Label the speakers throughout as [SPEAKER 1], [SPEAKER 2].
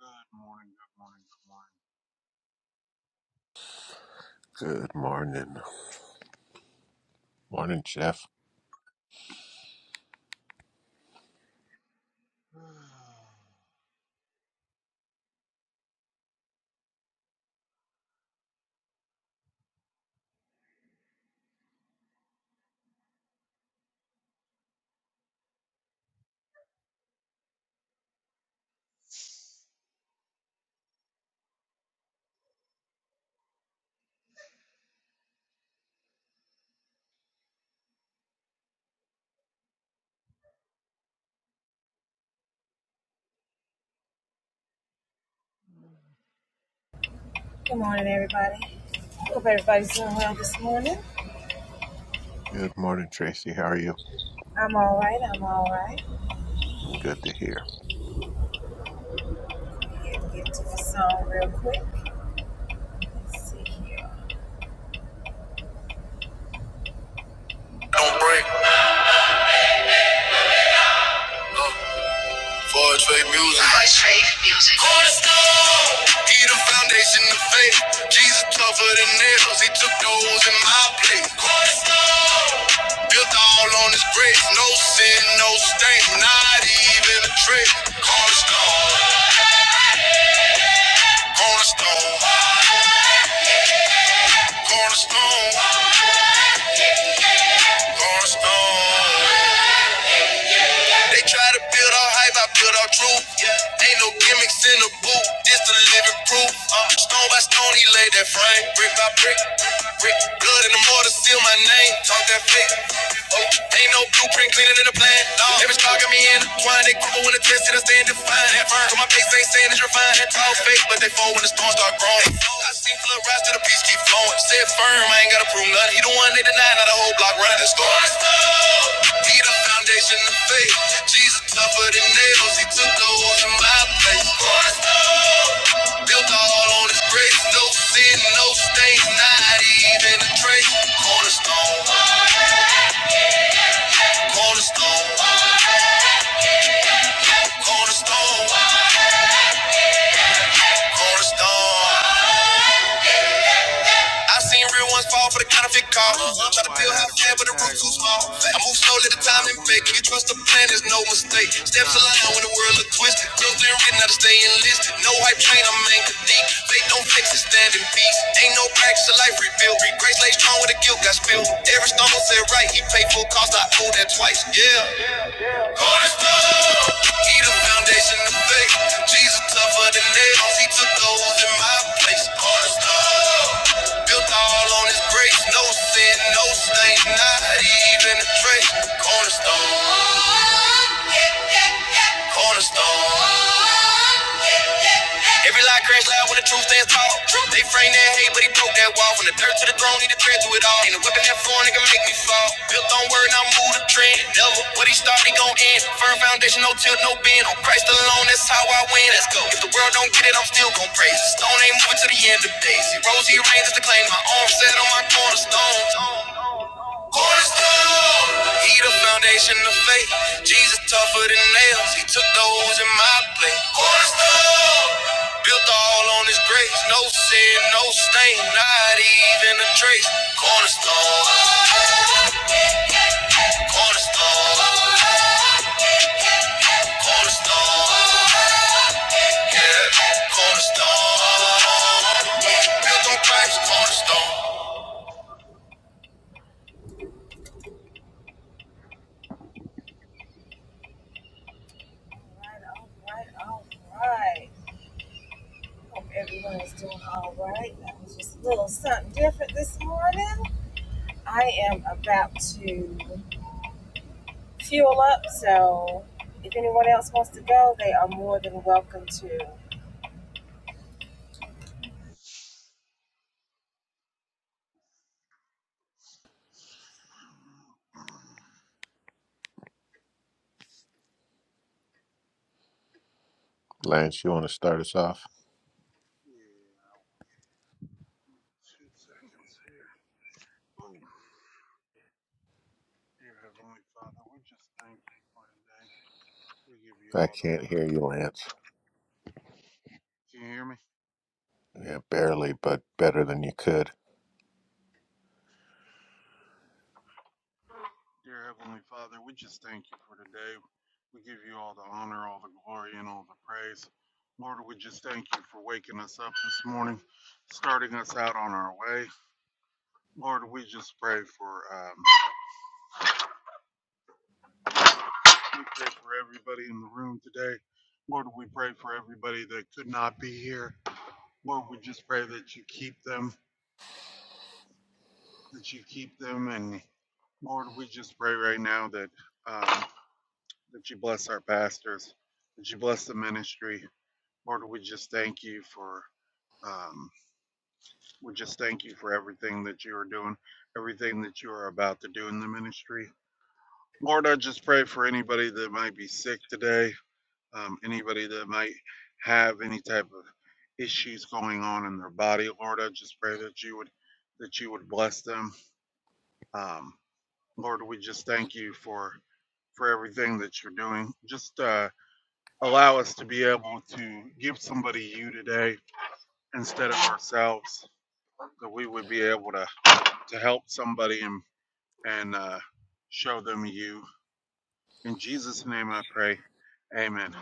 [SPEAKER 1] Good morning, good morning, good morning.
[SPEAKER 2] Good morning. Morning, Jeff. Good morning, Tracy. How are you? Good to hear.
[SPEAKER 3] Don't break. Forge fake music. Forge fake music. Cornerstone. He the foundation of faith. Jesus tougher than nails. He took those in my place. Cornerstone. Built all on his grace. No sin, no stain. Not even a trick. Cornerstone. Cornerstone. Cornerstone. Cornerstone. They try to build on hype, I build on truth. Yeah. Ain't no gimmicks in the booth, this the living proof. Uh, stone by stone, he laid that frame. Brick by brick, brick. Blood in the mortar, seal my name. Talk that flick. Oh, ain't no blueprint cleaner than the plan. No. Every star got me in the twine. They crumble when the test and I stand defined. That firm. So my face ain't saying it's refined. That tall fake, but they fall when the storm start growing. I see flood rise till the peace keep flowing. Said firm, I ain't gotta prove nothing. He the one they deny, not the whole block running the store. He the foundation of faith. Jesus tougher than nails. He took the holes in my place. Built all on his grace. No sin, no stains, not even a trace. Cornerstone, cornerstone, cornerstone, cornerstone. I seen real ones fall for the counterfeit call.
[SPEAKER 1] I
[SPEAKER 3] Uh-huh.
[SPEAKER 1] know
[SPEAKER 3] Try to
[SPEAKER 1] I
[SPEAKER 3] build how
[SPEAKER 1] had a
[SPEAKER 3] fast,
[SPEAKER 1] red
[SPEAKER 3] but the
[SPEAKER 1] tag
[SPEAKER 3] roots too
[SPEAKER 1] on one
[SPEAKER 3] small.
[SPEAKER 1] of those,
[SPEAKER 3] I move slowly, the
[SPEAKER 1] and
[SPEAKER 3] time
[SPEAKER 1] I
[SPEAKER 3] and fake.
[SPEAKER 1] wonder
[SPEAKER 3] You trust the plan, there's no
[SPEAKER 1] if
[SPEAKER 3] mistake.
[SPEAKER 1] they just
[SPEAKER 3] Steps
[SPEAKER 1] got
[SPEAKER 3] aligned when the
[SPEAKER 1] desperate
[SPEAKER 3] world look
[SPEAKER 1] for
[SPEAKER 3] twisted. Close
[SPEAKER 1] trailers.
[SPEAKER 3] and written, how to stay enlisted. No hype train, I'm man deep.
[SPEAKER 1] Yeah.
[SPEAKER 3] Faith don't fix it, stand in peace. Ain't no practice, a life rebuilt. Grace lay strong with the guilt got spilled. Every stumble said right, he paid full cost, I owe that twice. Yeah. He the foundation of faith. Jesus tougher than nails. He took those in my place. Cornerstone. Built all on his grace. No sin, no stain, not even a trace. Cornerstone. Cornerstone. Every lie crash loud when the truth stands tall. They frame that hate, but he broke that wall. From the dirt to the throne, he the thread to it all. Ain't a weapon that foreign nigga make me fall. Built on word, now move the trend. Devil, what he start, he gon' end. Firm foundation, no tilt, no bend. On Christ alone, that's how I win. Let's go. If the world don't get it, I'm still gon' praise. Stone ain't moving to the end of days. Rosie reigns is the claim. My arm set on my cornerstone. He the foundation of faith. Jesus tougher than nails. He took those in my place. Built all on his grace. No sin, no stain, not even a trace. Cornerstone, cornerstone, cornerstone. Yeah, cornerstone. Built on Christ, cornerstone.
[SPEAKER 2] Lance, you want to start us off?
[SPEAKER 1] Yeah, two seconds here. Oh, dear Heavenly Father, we just thank you for today. We give you
[SPEAKER 2] I
[SPEAKER 1] all the
[SPEAKER 2] can't
[SPEAKER 1] honor.
[SPEAKER 2] hear you, Lance.
[SPEAKER 1] Can you hear me?
[SPEAKER 2] Yeah, barely, but better than you could.
[SPEAKER 1] Dear Heavenly Father, we just thank you for today. We give you all the honor, all the glory, and all the praise. Lord, we just thank you for waking us up this morning, starting us out on our way. Lord, we just pray for um, we pray for everybody in the room today. Lord, we pray for everybody that could not be here. Lord, we just pray that you keep them, that you keep them, and Lord, we just pray right now that um, that you bless our pastors, that you bless the ministry, Lord, we just thank you for um, we just thank you for everything that you are doing, everything that you are about to do in the ministry. Lord, I just pray for anybody that might be sick today, um, anybody that might have any type of issues going on in their body. Lord, I just pray that you would that you would bless them. Um, Lord, we just thank you for for everything that you're doing. Just uh, allow us to be able to give somebody you today instead of ourselves. that we would be able to to help somebody and and uh, show them you. In Jesus' name, I pray. Amen.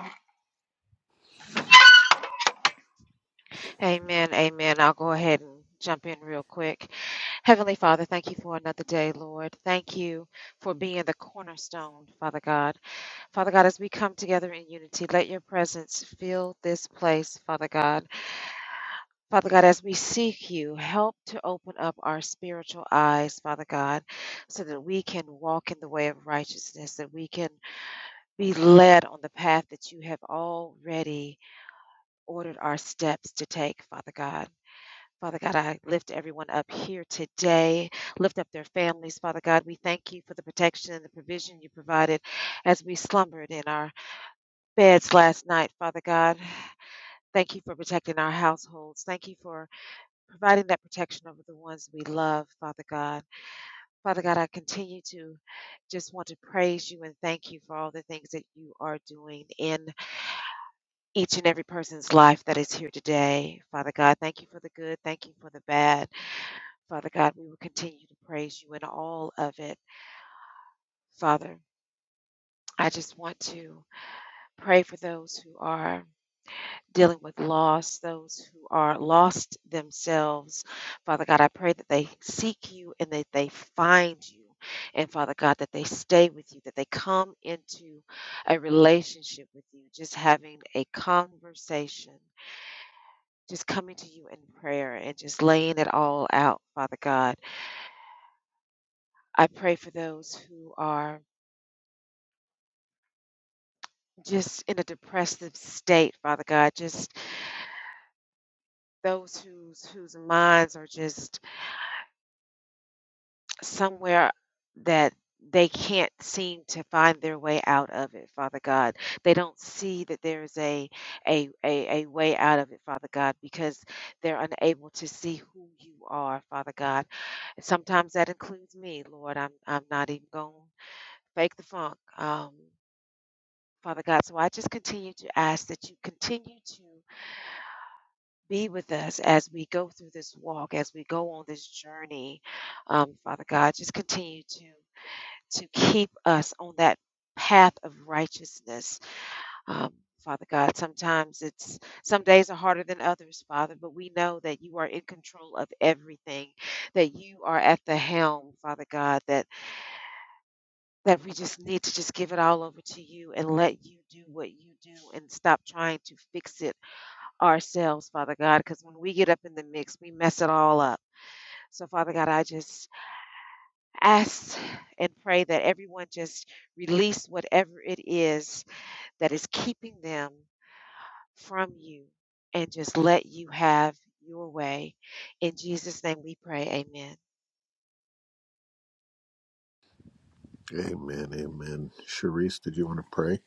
[SPEAKER 2] Amen, amen. Sharice, did you want to pray?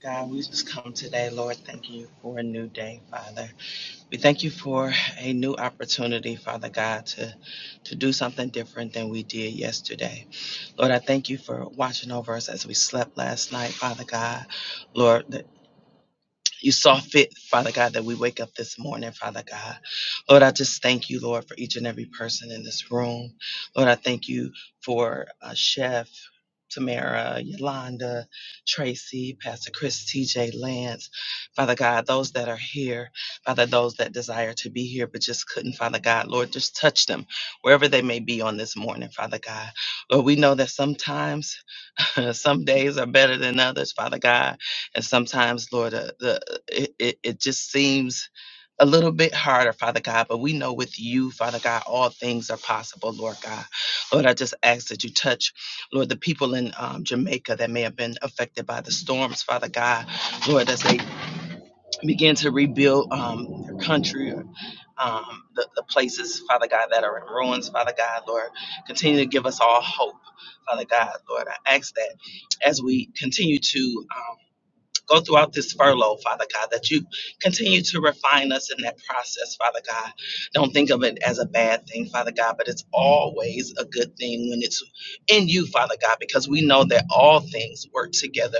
[SPEAKER 4] God, we just come today, Lord, thank you for a new day, Father. We thank you for a new opportunity, Father God, to, to do something different than we did yesterday. Lord, I thank you for watching over us as we slept last night, Father God. Lord, you saw fit, Father God, that we wake up this morning, Father God. Lord, I just thank you, Lord, for each and every person in this room. Lord, I thank you for uh, Chef, Tamara, Yolanda, Tracy, Pastor Chris, TJ, Lance, Father God, those that are here, Father, those that desire to be here but just couldn't, Father God, Lord, just touch them wherever they may be on this morning, Father God. Lord, we know that sometimes. Some days are better than others, Father God. And sometimes, Lord, uh, the, uh, it, it, it just seems a little bit harder, Father God, but we know with you, Father God, all things are possible, Lord God. Lord, I just ask that you touch, Lord, the people in um, Jamaica that may have been affected by the storms, Father God. Lord, as they begin to rebuild um, their country, um, the, the places, Father God, that are in ruins, Father God, Lord. Continue to give us all hope, Father God, Lord. I ask that as we continue to um, go throughout this furlough, Father God, that you continue to refine us in that process, Father God. Don't think of it as a bad thing, Father God, but it's always a good thing when it's in you, Father God, because we know that all things work together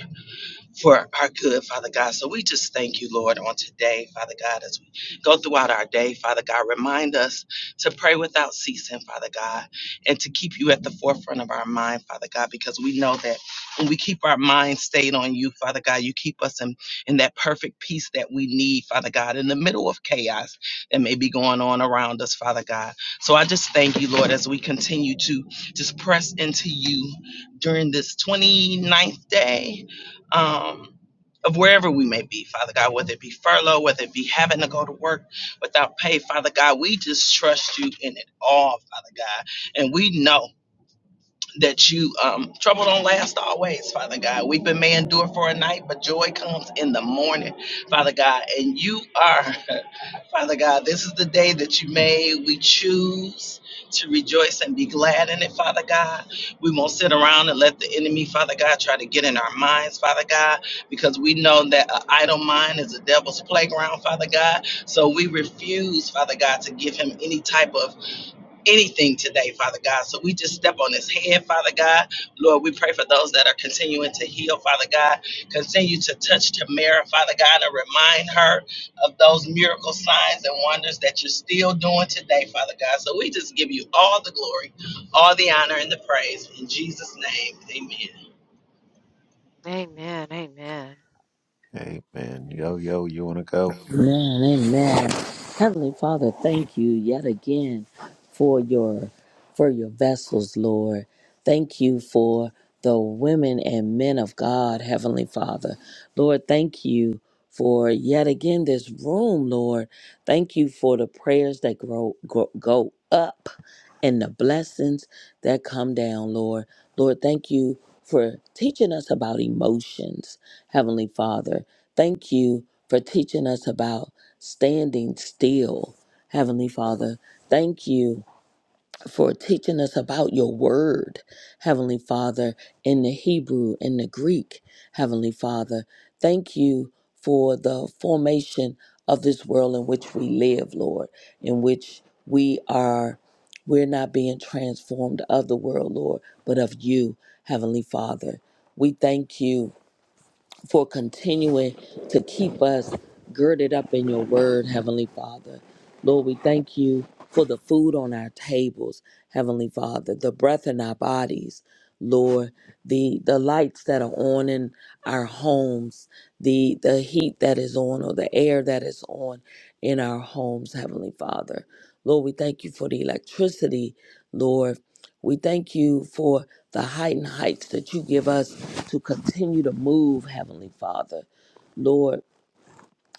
[SPEAKER 4] for our good, Father God. So we just thank you, Lord, on today, Father God, as we go throughout our day, Father God. Remind us to pray without ceasing, Father God, and to keep you at the forefront of our mind, Father God, because we know that when we keep our mind stayed on you, Father God, you keep us in, in that perfect peace that we need, Father God, in the middle of chaos that may be going on around us, Father God. So I just thank you, Lord, as we continue to just press into you during this 29th day um, of wherever we may be, Father God, whether it be furlough, whether it be having to go to work without pay, Father God, we just trust you in it all, Father God. And we know that you um trouble don't last always, Father God. We've been may endure for a night, but joy comes in the morning, Father God. And you are Father God, this is the day that you made. We choose to rejoice and be glad in it, Father God. We won't sit around and let the enemy, Father God, try to get in our minds, Father God, because we know that an idle mind is a devil's playground, Father God. So we refuse, Father God, to give him any type of anything today, Father God. So we just step on his head, Father God. Lord, we pray for those that are continuing to heal, Father God. Continue to touch Tamara, Father God, and remind her of those miracle signs and wonders that you're still doing today, Father God. So we just give you all the glory, all the honor, and the praise. In Jesus' name, amen.
[SPEAKER 2] Amen. Yo, yo, you want to go?
[SPEAKER 5] Amen, amen. Heavenly Father, thank you yet again for your for your vessels, Lord. Thank you for the women and men of God, Heavenly Father. Lord, thank you for yet again this room, Lord. Thank you for the prayers that grow, grow go up and the blessings that come down, Lord. Lord, thank you for teaching us about emotions, Heavenly Father. Thank you for teaching us about standing still, Heavenly Father. Thank you for teaching us about your word, Heavenly Father, in the Hebrew, in the Greek, Heavenly Father. Thank you for the formation of this world in which we live, Lord, in which we are, we're not being transformed of the world, Lord, but of you, Heavenly Father. We thank you for continuing to keep us girded up in your word, Heavenly Father. Lord, we thank you for the food on our tables, Heavenly Father, the breath in our bodies, Lord, the the lights that are on in our homes, the the heat that is on or the air that is on in our homes, Heavenly Father. Lord, we thank you for the electricity, Lord, we thank you for the height and heights that you give us to continue to move, Heavenly Father. Lord,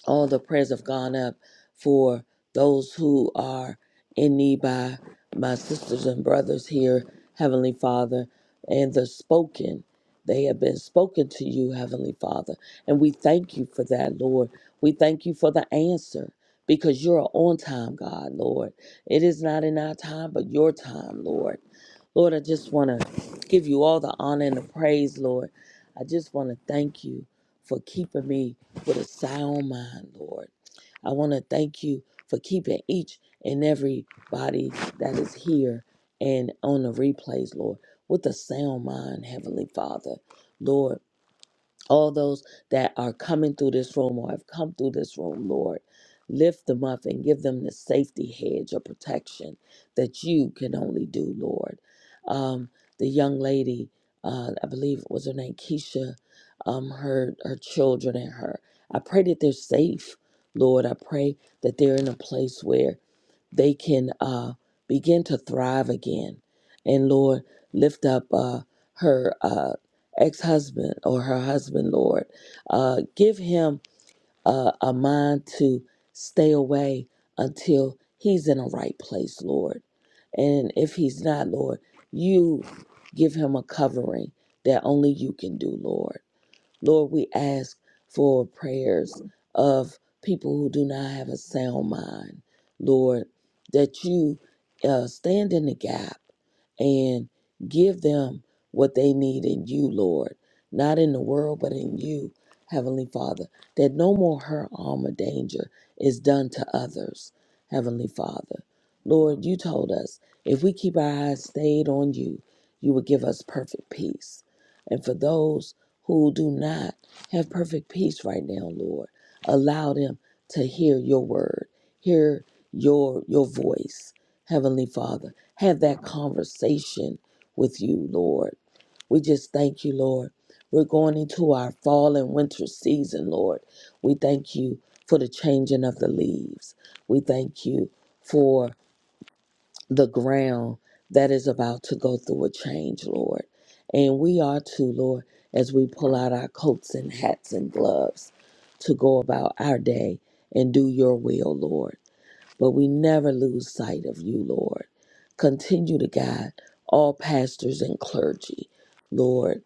[SPEAKER 5] all the prayers have gone up for those who are in need by my sisters and brothers here, Heavenly Father, and the spoken. They have been spoken to you, Heavenly Father. And we thank you for that, Lord. We thank you for the answer because you're on time, God, Lord. It is not in our time, but your time, Lord. Lord, I just want to give you all the honor and the praise, Lord. I just want to thank you for keeping me with a sound mind, Lord. I want to thank you for keeping each and every body that is here and on the replays, Lord, with a sound mind, Heavenly Father. Lord, all those that are coming through this room or have come through this room, Lord, lift them up and give them the safety hedge or protection that you can only do, Lord. Um, the young lady, uh, I believe it was her name Keisha, um, her her children and her. I pray that they're safe, Lord. I pray that they're in a place where they can uh, begin to thrive again. And Lord, lift up uh, her uh, ex husband or her husband, Lord. Uh, give him uh, a mind to stay away until he's in a right place, Lord. And if he's not, Lord, you give him a covering that only you can do, Lord. Lord, we ask for prayers of people who do not have a sound mind. Lord, that you uh, stand in the gap and give them what they need in you, Lord, not in the world, but in you, Heavenly Father, that no more hurt, harm, or danger is done to others, Heavenly Father. Lord, you told us if we keep our eyes stayed on you, you will give us perfect peace. And for those who do not have perfect peace right now, Lord, allow them to hear your word, hear your your voice, Heavenly Father, have that conversation with you, Lord. We just thank you, Lord. We're going into our fall and winter season, Lord. We thank you for the changing of the leaves. We thank you for the ground that is about to go through a change, Lord. And we are too, Lord, as we pull out our coats and hats and gloves to go about our day and do your will, Lord but we never lose sight of you, Lord. Continue to guide all pastors and clergy, Lord.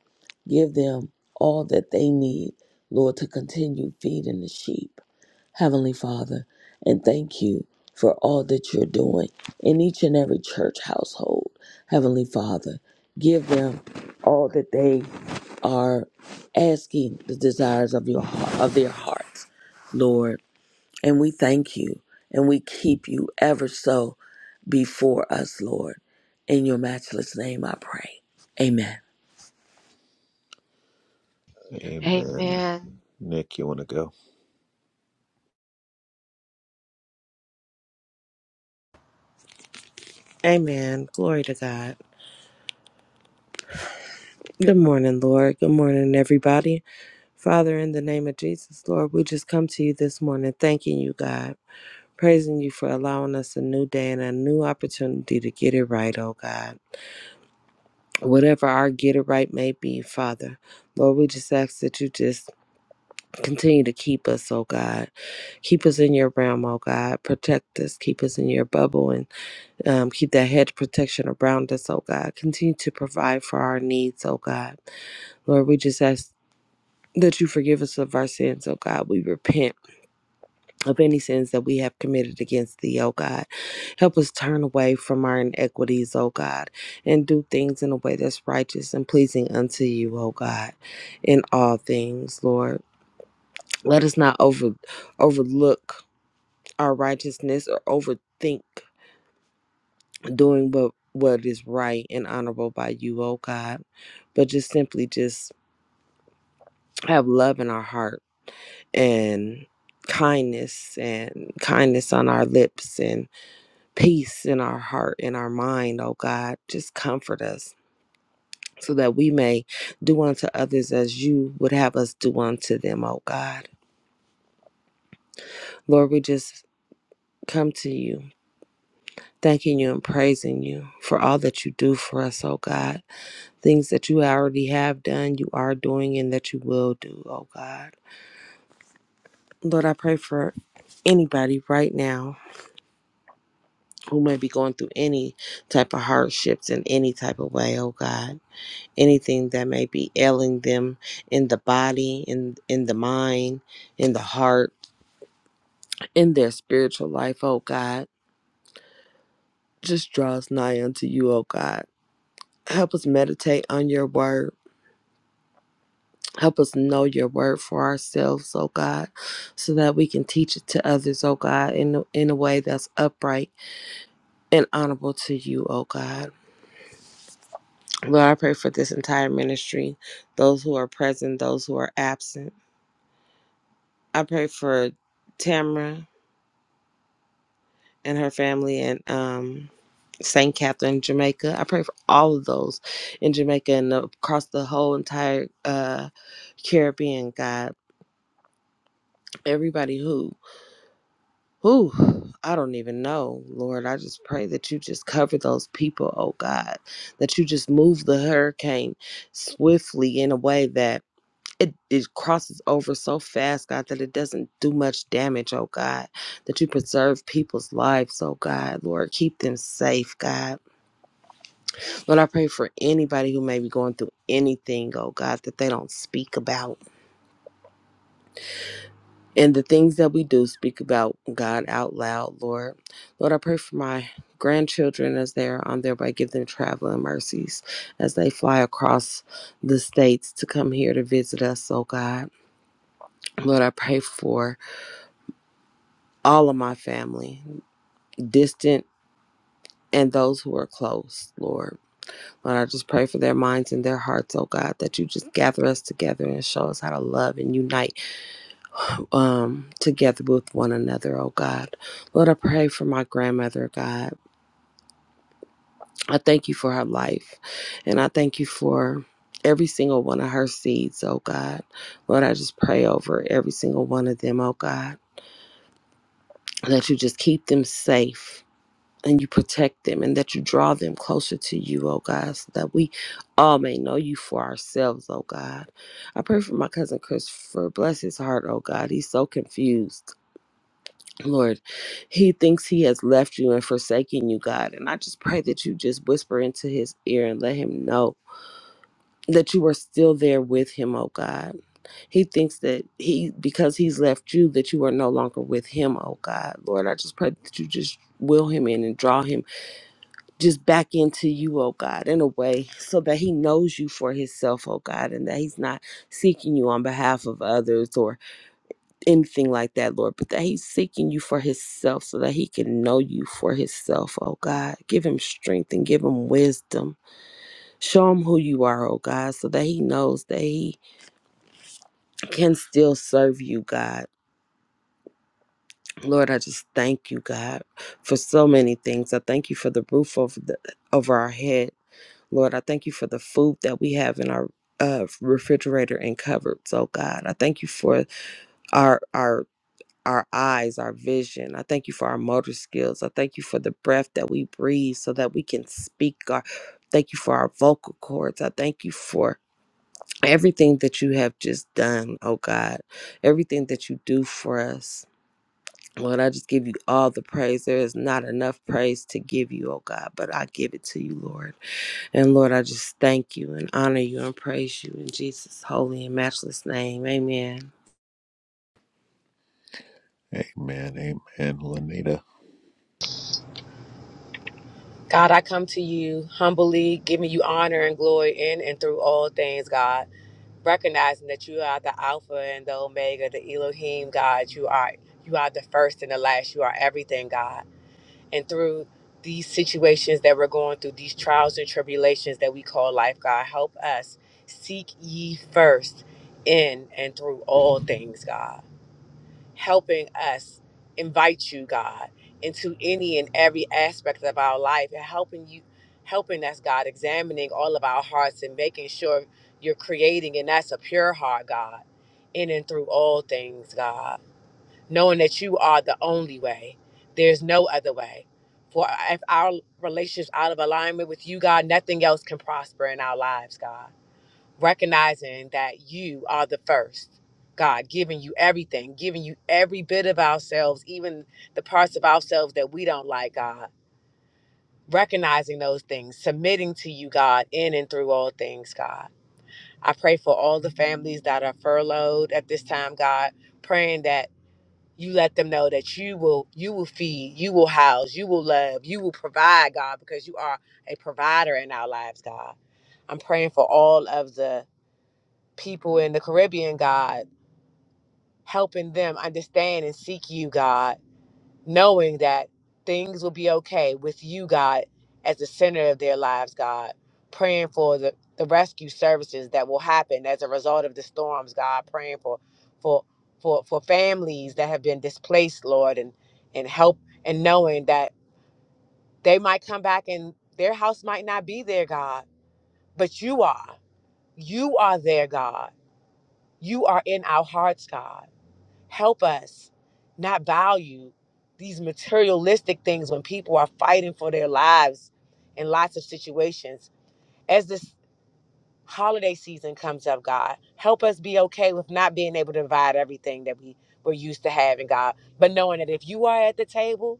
[SPEAKER 5] Give them all that they need, Lord, to continue feeding the sheep, Heavenly Father. And thank you for all that you're doing in each and every church household, Heavenly Father. Give them all that they are asking the desires of your heart, of their hearts, Lord. And we thank you and we keep you ever so before us, Lord. In your matchless name, I pray. Amen.
[SPEAKER 2] Amen. Nick, you want to go?
[SPEAKER 6] Amen. Glory to God. Good morning, Lord. Good morning, everybody. Father, in the name of Jesus, Lord, we just come to you this morning thanking you, God, praising you for allowing us a new day and a new opportunity to get it right, oh God. Whatever our get it right may be, Father, Lord, we just ask that you just continue to keep us, oh God. Keep us in your realm, oh God. Protect us, keep us in your bubble, and um, keep that hedge of protection around us, oh God. Continue to provide for our needs, oh God. Lord, we just ask that you forgive us of our sins, oh God. We repent of any sins that we have committed against thee, oh God. Help us turn away from our inequities, oh God, and do things in a way that's righteous and pleasing unto you, oh God, in all things, Lord. Let us not over overlook our righteousness or overthink doing what what is right and honorable by you, oh God. But just simply just have love in our heart and kindness and kindness on our lips and peace in our heart and our mind, oh God. Just comfort us so that we may do unto others as you would have us do unto them, oh God. Lord, we just come to you. Thanking you and praising you for all that you do for us, oh God. Things that you already have done, you are doing, and that you will do, oh God. Lord, I pray for anybody right now who may be going through any type of hardships in any type of way, oh God. Anything that may be ailing them in the body, in in the mind, in the heart, in their spiritual life, oh God. Just draw us nigh unto you, oh God. Help us meditate on your word. Help us know your word for ourselves, oh God, so that we can teach it to others, oh God, in, in a way that's upright and honorable to you, oh God. Lord, I pray for this entire ministry, those who are present, those who are absent. I pray for Tamara and her family and um, St. Catherine, Jamaica. I pray for all of those in Jamaica and across the whole entire uh, Caribbean, God. Everybody who, who, I don't even know, Lord. I just pray that you just cover those people, oh God, that you just move the hurricane swiftly in a way that it, it crosses over so fast, God, that it doesn't do much damage, oh God. That you preserve people's lives, oh God. Lord, keep them safe, God. Lord, I pray for anybody who may be going through anything, oh God, that they don't speak about. And the things that we do speak about, God, out loud, Lord. Lord, I pray for my grandchildren as they are on their way. Give them traveling mercies as they fly across the states to come here to visit us, oh God. Lord, I pray for all of my family, distant and those who are close, Lord. Lord, I just pray for their minds and their hearts, oh God, that you just gather us together and show us how to love and unite um, together with one another, oh God. Lord, I pray for my grandmother, God. I thank you for her life and I thank you for. Every single one of her seeds, oh God. Lord, I just pray over every single one of them, oh God, that you just keep them safe and you protect them and that you draw them closer to you, oh God, so that we all may know you for ourselves, oh God. I pray for my cousin Christopher. Bless his heart, oh God. He's so confused. Lord, he thinks he has left you and forsaken you, God. And I just pray that you just whisper into his ear and let him know that you are still there with him, oh God. He thinks that he, because he's left you, that you are no longer with him, oh God. Lord, I just pray that you just will him in and draw him just back into you, oh God, in a way, so that he knows you for himself, oh God, and that he's not seeking you on behalf of others or anything like that, Lord, but that he's seeking you for himself so that he can know you for himself, oh God. Give him strength and give him wisdom. Show him who you are, oh God, so that he knows that he can still serve you, God. Lord, I just thank you, God, for so many things. I thank you for the roof over the over our head. Lord, I thank you for the food that we have in our uh, refrigerator and cupboards, oh God. I thank you for our our our eyes, our vision. I thank you for our motor skills. I thank you for the breath that we breathe so that we can speak. Our, thank you for our vocal cords. I thank you for everything that you have just done, oh God. Everything that you do for us. Lord, I just give you all the praise. There is not enough praise to give you, oh God, but I give it to you, Lord. And Lord, I just thank you and honor you and praise you in Jesus' holy and matchless name. Amen.
[SPEAKER 2] Amen, amen. Lanita.
[SPEAKER 7] God, I come to you humbly, giving you honor and glory in and through all things, God, recognizing that you are the Alpha and the Omega, the Elohim, God. You are you are the first and the last. You are everything, God. And through these situations that we're going through, these trials and tribulations that we call life, God, help us seek ye first in and through all things, God helping us invite you, God, into any and every aspect of our life and helping you, helping us, God, examining all of our hearts and making sure you're creating in us a pure heart, God, in and through all things, God, knowing that you are the only way. There's no other way. For if our relationship's out of alignment with you, God, nothing else can prosper in our lives, God recognizing that you are the first. God, giving you everything, giving you every bit of ourselves, even the parts of ourselves that we don't like, God. Recognizing those things, submitting to you, God, in and through all things, God. I pray for all the families that are furloughed at this time, God, praying that you let them know that you will you will feed, you will house, you will love, you will provide, God, because you are a provider in our lives, God. I'm praying for all of the people in the Caribbean, God, helping them understand and seek you, God, knowing that things will be okay with you, God, as the center of their lives, God, praying for the, the rescue services that will happen as a result of the storms, God, praying for for for for families that have been displaced, Lord, and and help and knowing that they might come back and their house might not be there, God, but you are. You are there, God. You are in our hearts, God help us not value these materialistic things when people are fighting for their lives in lots of situations. As this holiday season comes up, God, help us be okay with not being able to provide everything that we were used to having, God, but knowing that if you are at the table,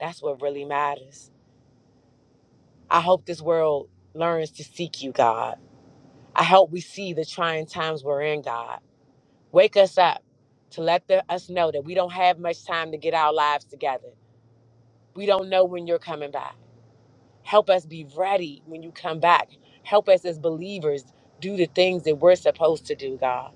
[SPEAKER 7] that's what really matters. I hope this world learns to seek you, God. I hope we see the trying times we're in, God. Wake us up to let the, us know that we don't have much time to get our lives together We don't know when you're coming back. Help us be ready when you come back. Help us as believers do the things that we're supposed to do, God.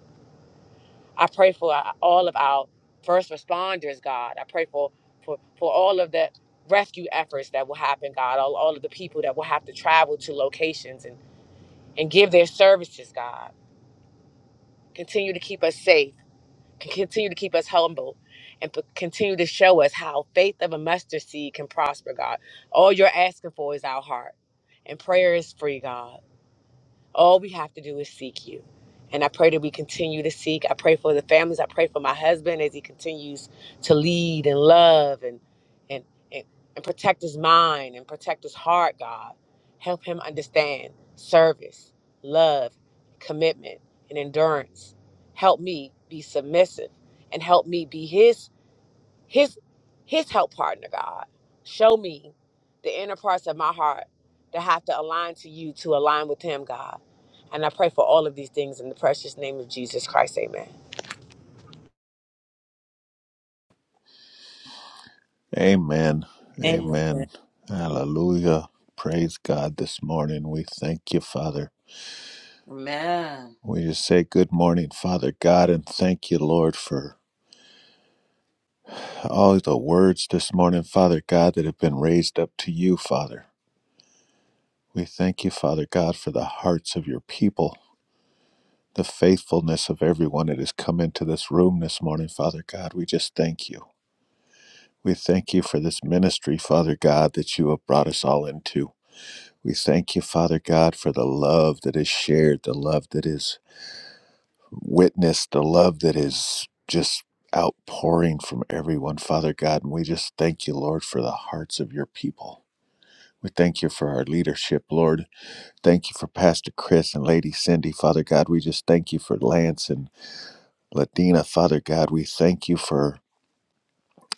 [SPEAKER 7] I pray for uh, all of our first responders, God. I pray for for, for all of the rescue efforts that will happen, God. All, all of the people that will have to travel to locations and, and give their services, God. Continue to keep us safe can continue to keep us humble and p- continue to show us how faith of a mustard seed can prosper, God. All you're asking for is our heart. And prayer is free, God. All we have to do is seek you. And I pray that we continue to seek. I pray for the families. I pray for my husband as he continues to lead and love and and and, and protect his mind and protect his heart, God. Help him understand service, love, commitment, and endurance. Help me be submissive and help me be his his his help partner god show me the inner parts of my heart that have to align to you to align with him god and i pray for all of these things in the precious name of jesus christ amen
[SPEAKER 2] Amen,
[SPEAKER 6] Amen.
[SPEAKER 2] amen. Hallelujah. Praise God this morning. We thank you, Father.
[SPEAKER 5] Amen.
[SPEAKER 2] We just say good morning, Father God, and thank you, Lord, for all the words this morning, Father God, that have been raised up to you, Father. We thank you, Father God, for the hearts of your people, the faithfulness of everyone that has come into this room this morning, Father God. We just thank you. We thank you for this ministry, Father God, that you have brought us all into. We thank you, Father God, for the love that is shared, the love that is witnessed the love that is just outpouring from everyone, Father God. And we just thank you, Lord, for the hearts of your people. We thank you for our leadership, Lord. Thank you for Pastor Chris and Lady Cindy, Father God. We just thank you for Lance and Latina, Father God. We thank you for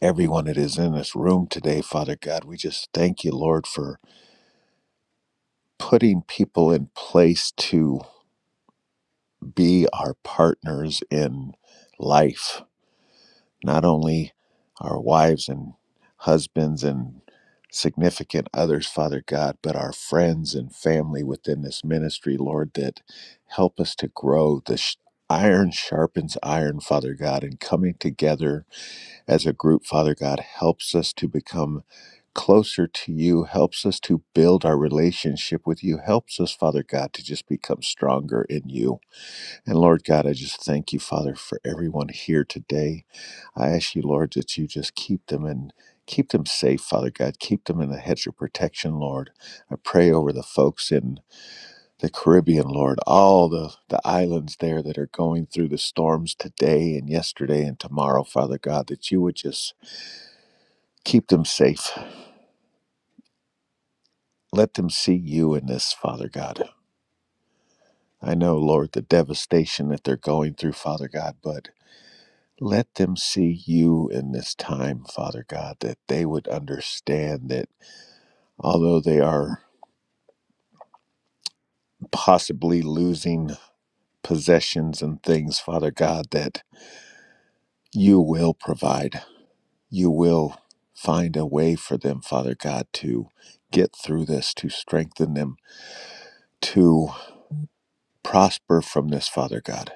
[SPEAKER 2] everyone that is in this room today, Father God. We just thank you, Lord, for putting people in place to be our partners in life not only our wives and husbands and significant others, Father God, but our friends and family within this ministry, Lord, that help us to grow. The sh- iron sharpens iron, Father God, and coming together as a group, Father God, helps us to become closer to you, helps us to build our relationship with you, helps us, Father God, to just become stronger in you. And Lord God, I just thank you, Father, for everyone here today. I ask you, Lord, that you just keep them and keep them safe, Father God. Keep them in a hedge of protection, Lord. I pray over the folks in the Caribbean, Lord, all the, the islands there that are going through the storms today and yesterday and tomorrow, Father God, that you would just keep them safe. Let them see you in this, Father God. I know, Lord, the devastation that they're going through, Father God, but let them see you in this time, Father God, that they would understand that although they are possibly losing possessions and things, Father God, that you will provide. You will find a way for them, Father God, to get through this, to strengthen them, to prosper from this, Father God.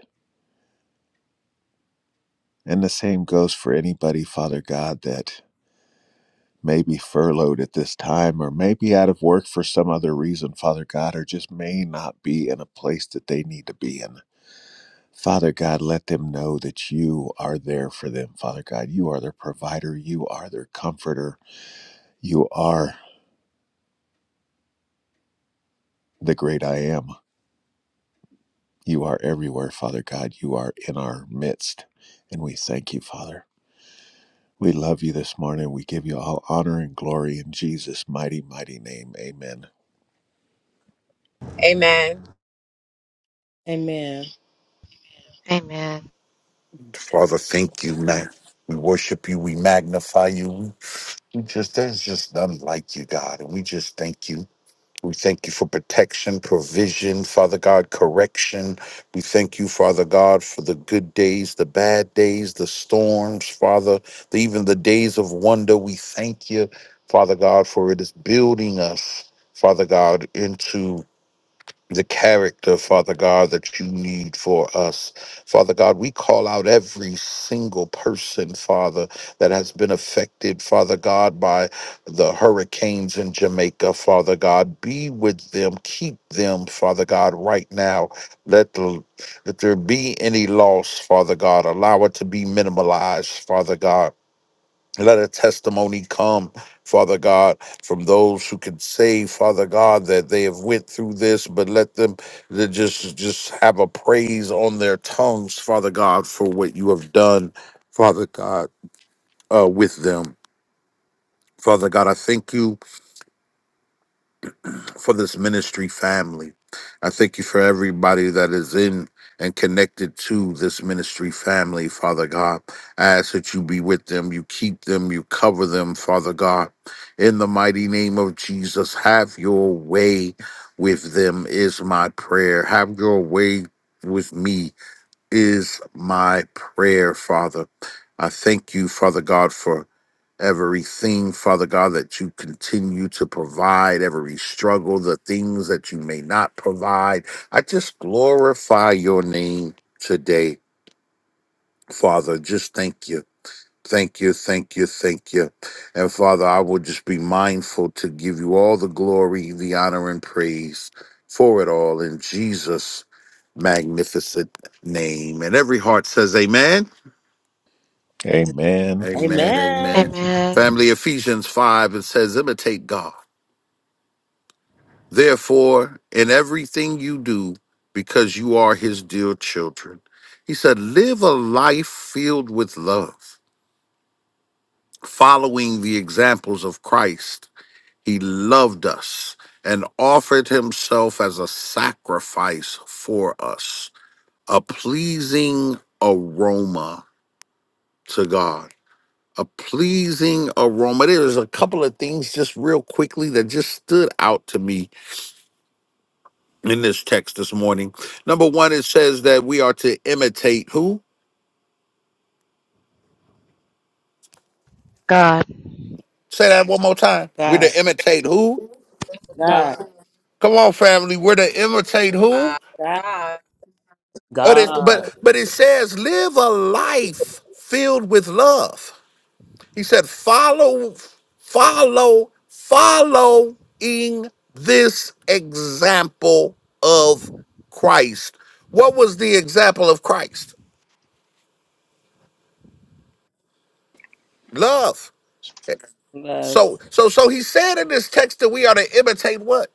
[SPEAKER 2] And the same goes for anybody, Father God, that may be furloughed at this time or may be out of work for some other reason, Father God, or just may not be in a place that they need to be in. Father God, let them know that you are there for them. Father God, you are their provider. You are their comforter. You are the great I am. You are everywhere, Father God. You are in our midst. And we thank you, Father. We love you this morning. We give you all honor and glory in Jesus' mighty, mighty name. Amen.
[SPEAKER 7] amen
[SPEAKER 6] Amen.
[SPEAKER 8] Father, thank you, man. We worship you. We magnify you. We we just, there's just none like you, God. And we just thank you. We thank you for protection, provision, Father God, correction. We thank you, Father God, for the good days, the bad days, the storms, Father, the, even the days of wonder. We thank you, Father God, for it is building us, Father God, into the character, Father God, that you need for us. Father God, we call out every single person, Father, that has been affected, Father God, by the hurricanes in Jamaica, Father God. Be with them, keep them, Father God, right now. Let the, let there be any loss, Father God. Allow it to be minimalized, Father God. Let a testimony come, Father God, from those who can say, Father God, that they have went through this, but let them to just just have a praise on their tongues, Father God, for what you have done, Father God, uh, with them. Father God, I thank you for this ministry family. I thank you for everybody that is in and connected to this ministry family, Father God. I ask that you be with them, you keep them, you cover them, Father God. In the mighty name of Jesus, have your way with them, is my prayer. Have your way with me, is my prayer, Father. I thank you, Father God, for everything, Father God, that you continue to provide, every struggle, the things that you may not provide. I just glorify your name today, Father. Just thank you. Thank you, thank you, thank you. And Father, I will just be mindful to give you all the glory, the honor, and praise for it all in Jesus' magnificent name. And every heart says, Amen.
[SPEAKER 6] Amen.
[SPEAKER 2] Amen.
[SPEAKER 8] Amen, amen.
[SPEAKER 5] Amen.
[SPEAKER 8] Family Ephesians 5, it says, Imitate God Therefore, in everything you do, because you are his dear children, he said, live a life filled with love, following the examples of Christ. He loved us and offered himself as a sacrifice for us, a pleasing aroma to God. A pleasing aroma. There's a couple of things just real quickly that just stood out to me in this text this morning. Number one, it says that we are to imitate who? Say that one more time. We're
[SPEAKER 6] God.
[SPEAKER 8] to imitate who?
[SPEAKER 6] God.
[SPEAKER 5] God.
[SPEAKER 8] Come on, family. We're to imitate
[SPEAKER 7] Uh,
[SPEAKER 8] who?
[SPEAKER 6] God.
[SPEAKER 7] god
[SPEAKER 8] But it, but,
[SPEAKER 5] God.
[SPEAKER 8] but it says live a life filled with love. He said, follow, follow, following this example of Christ. What was the example of Christ? Love.
[SPEAKER 6] Love.
[SPEAKER 8] So, so, so he said in this text that we are to imitate what?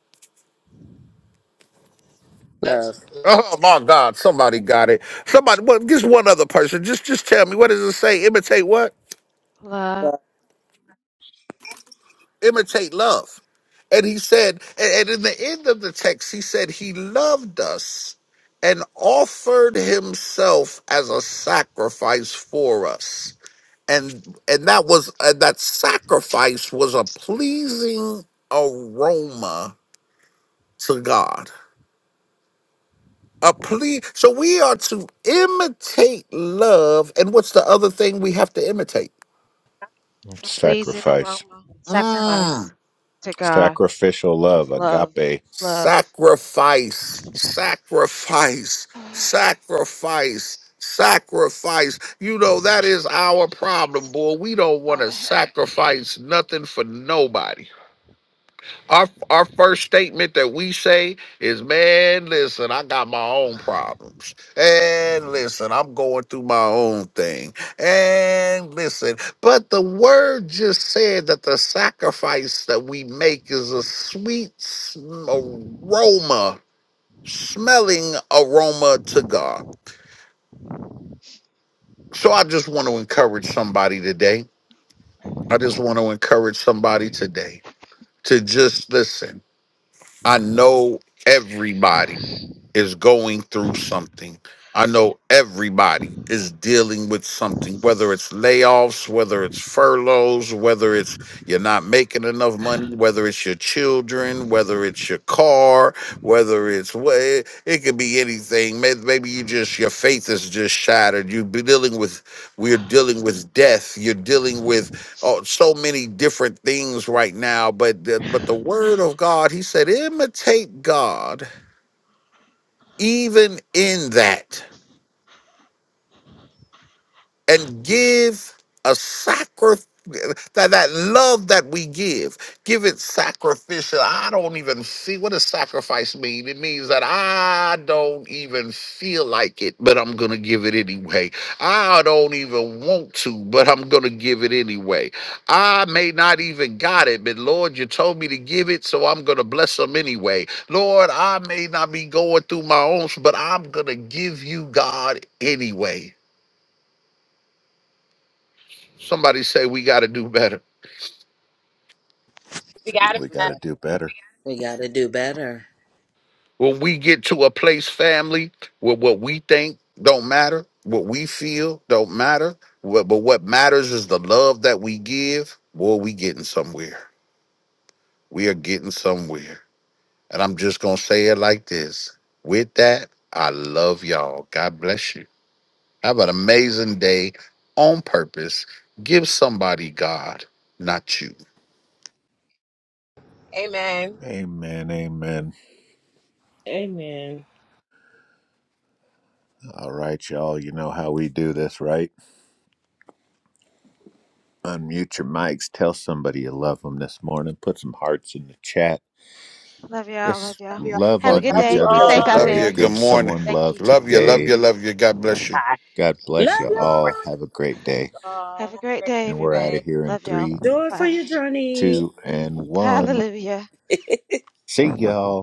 [SPEAKER 5] Love.
[SPEAKER 8] Oh my God! Somebody got it. Somebody, well, just one other person. Just, just tell me what does it say? Imitate what?
[SPEAKER 6] Love.
[SPEAKER 8] Imitate love. And he said, and and in the end of the text, he said he loved us and offered himself as a sacrifice for us. And and that was and that sacrifice was a pleasing aroma to God. A plea. So we are to imitate love. And what's the other thing we have to imitate?
[SPEAKER 2] Sacrifice,
[SPEAKER 8] Mm,
[SPEAKER 2] sacrificial love, agape.
[SPEAKER 8] sacrifice, sacrifice, sacrifice, sacrifice. You know, that is our problem, boy. We don't want to sacrifice nothing for nobody. Our our first statement that we say is, man, listen, I got my own problems. And listen, I'm going through my own thing. And listen, but the word just said that the sacrifice that we make is a sweet sm- aroma, smelling aroma to God. So I just want to encourage somebody today. I just want to encourage somebody today to just listen. I know everybody. is going through something. I know everybody is dealing with something, whether it's layoffs, whether it's furloughs, whether it's you're not making enough money, whether it's your children, whether it's your car, whether it's what it, it could be anything. May- Maybe you just your faith is just shattered. You're dealing with we're dealing with death. You're dealing with oh, so many different things right now. But the, but the word of God, He said, imitate God even in that, and give a sacrifice that, that love that we give give it sacrificial i don't even see what does sacrifice mean it means that i don't even feel like it but i'm gonna give it anyway i don't even want to but i'm gonna give it anyway i may not even got it but lord you told me to give it so i'm gonna bless them anyway lord i may not be going through my own but i'm gonna give you god anyway Somebody say we got to do better.
[SPEAKER 7] we got
[SPEAKER 2] We got
[SPEAKER 7] it
[SPEAKER 2] to do better.
[SPEAKER 5] We got to do better.
[SPEAKER 8] When we get to a place, family, where what we think don't matter, what we feel don't matter, what, but what matters is the love that we give. Boy, we getting somewhere. We are getting somewhere. And I'm just gonna say it like this. With that, I love y'all. God bless you. Have an amazing day on purpose. Give somebody God, not you.
[SPEAKER 7] amen
[SPEAKER 2] Amen. Amen.
[SPEAKER 6] Amen.
[SPEAKER 2] All right, y'all. You know how we do this, right? Unmute your mics. Tell somebody you love them this morning. Put some hearts in the chat. Just love
[SPEAKER 6] Love
[SPEAKER 2] on
[SPEAKER 7] love
[SPEAKER 6] y'all.
[SPEAKER 2] each
[SPEAKER 6] be
[SPEAKER 7] you
[SPEAKER 2] other
[SPEAKER 6] blessed.
[SPEAKER 8] Love
[SPEAKER 7] all,
[SPEAKER 2] today.
[SPEAKER 8] you. Good
[SPEAKER 2] Give
[SPEAKER 8] morning.
[SPEAKER 2] someone love
[SPEAKER 8] Love you. Love
[SPEAKER 2] today.
[SPEAKER 8] you. Love you. God bless you.
[SPEAKER 2] God
[SPEAKER 5] Love
[SPEAKER 2] bless you all. Have
[SPEAKER 5] y'all.
[SPEAKER 2] a great day.
[SPEAKER 7] all. have a great
[SPEAKER 2] And we're
[SPEAKER 7] day
[SPEAKER 2] out of here in three,
[SPEAKER 5] Joy for your journey.
[SPEAKER 2] two, and one. See y'all.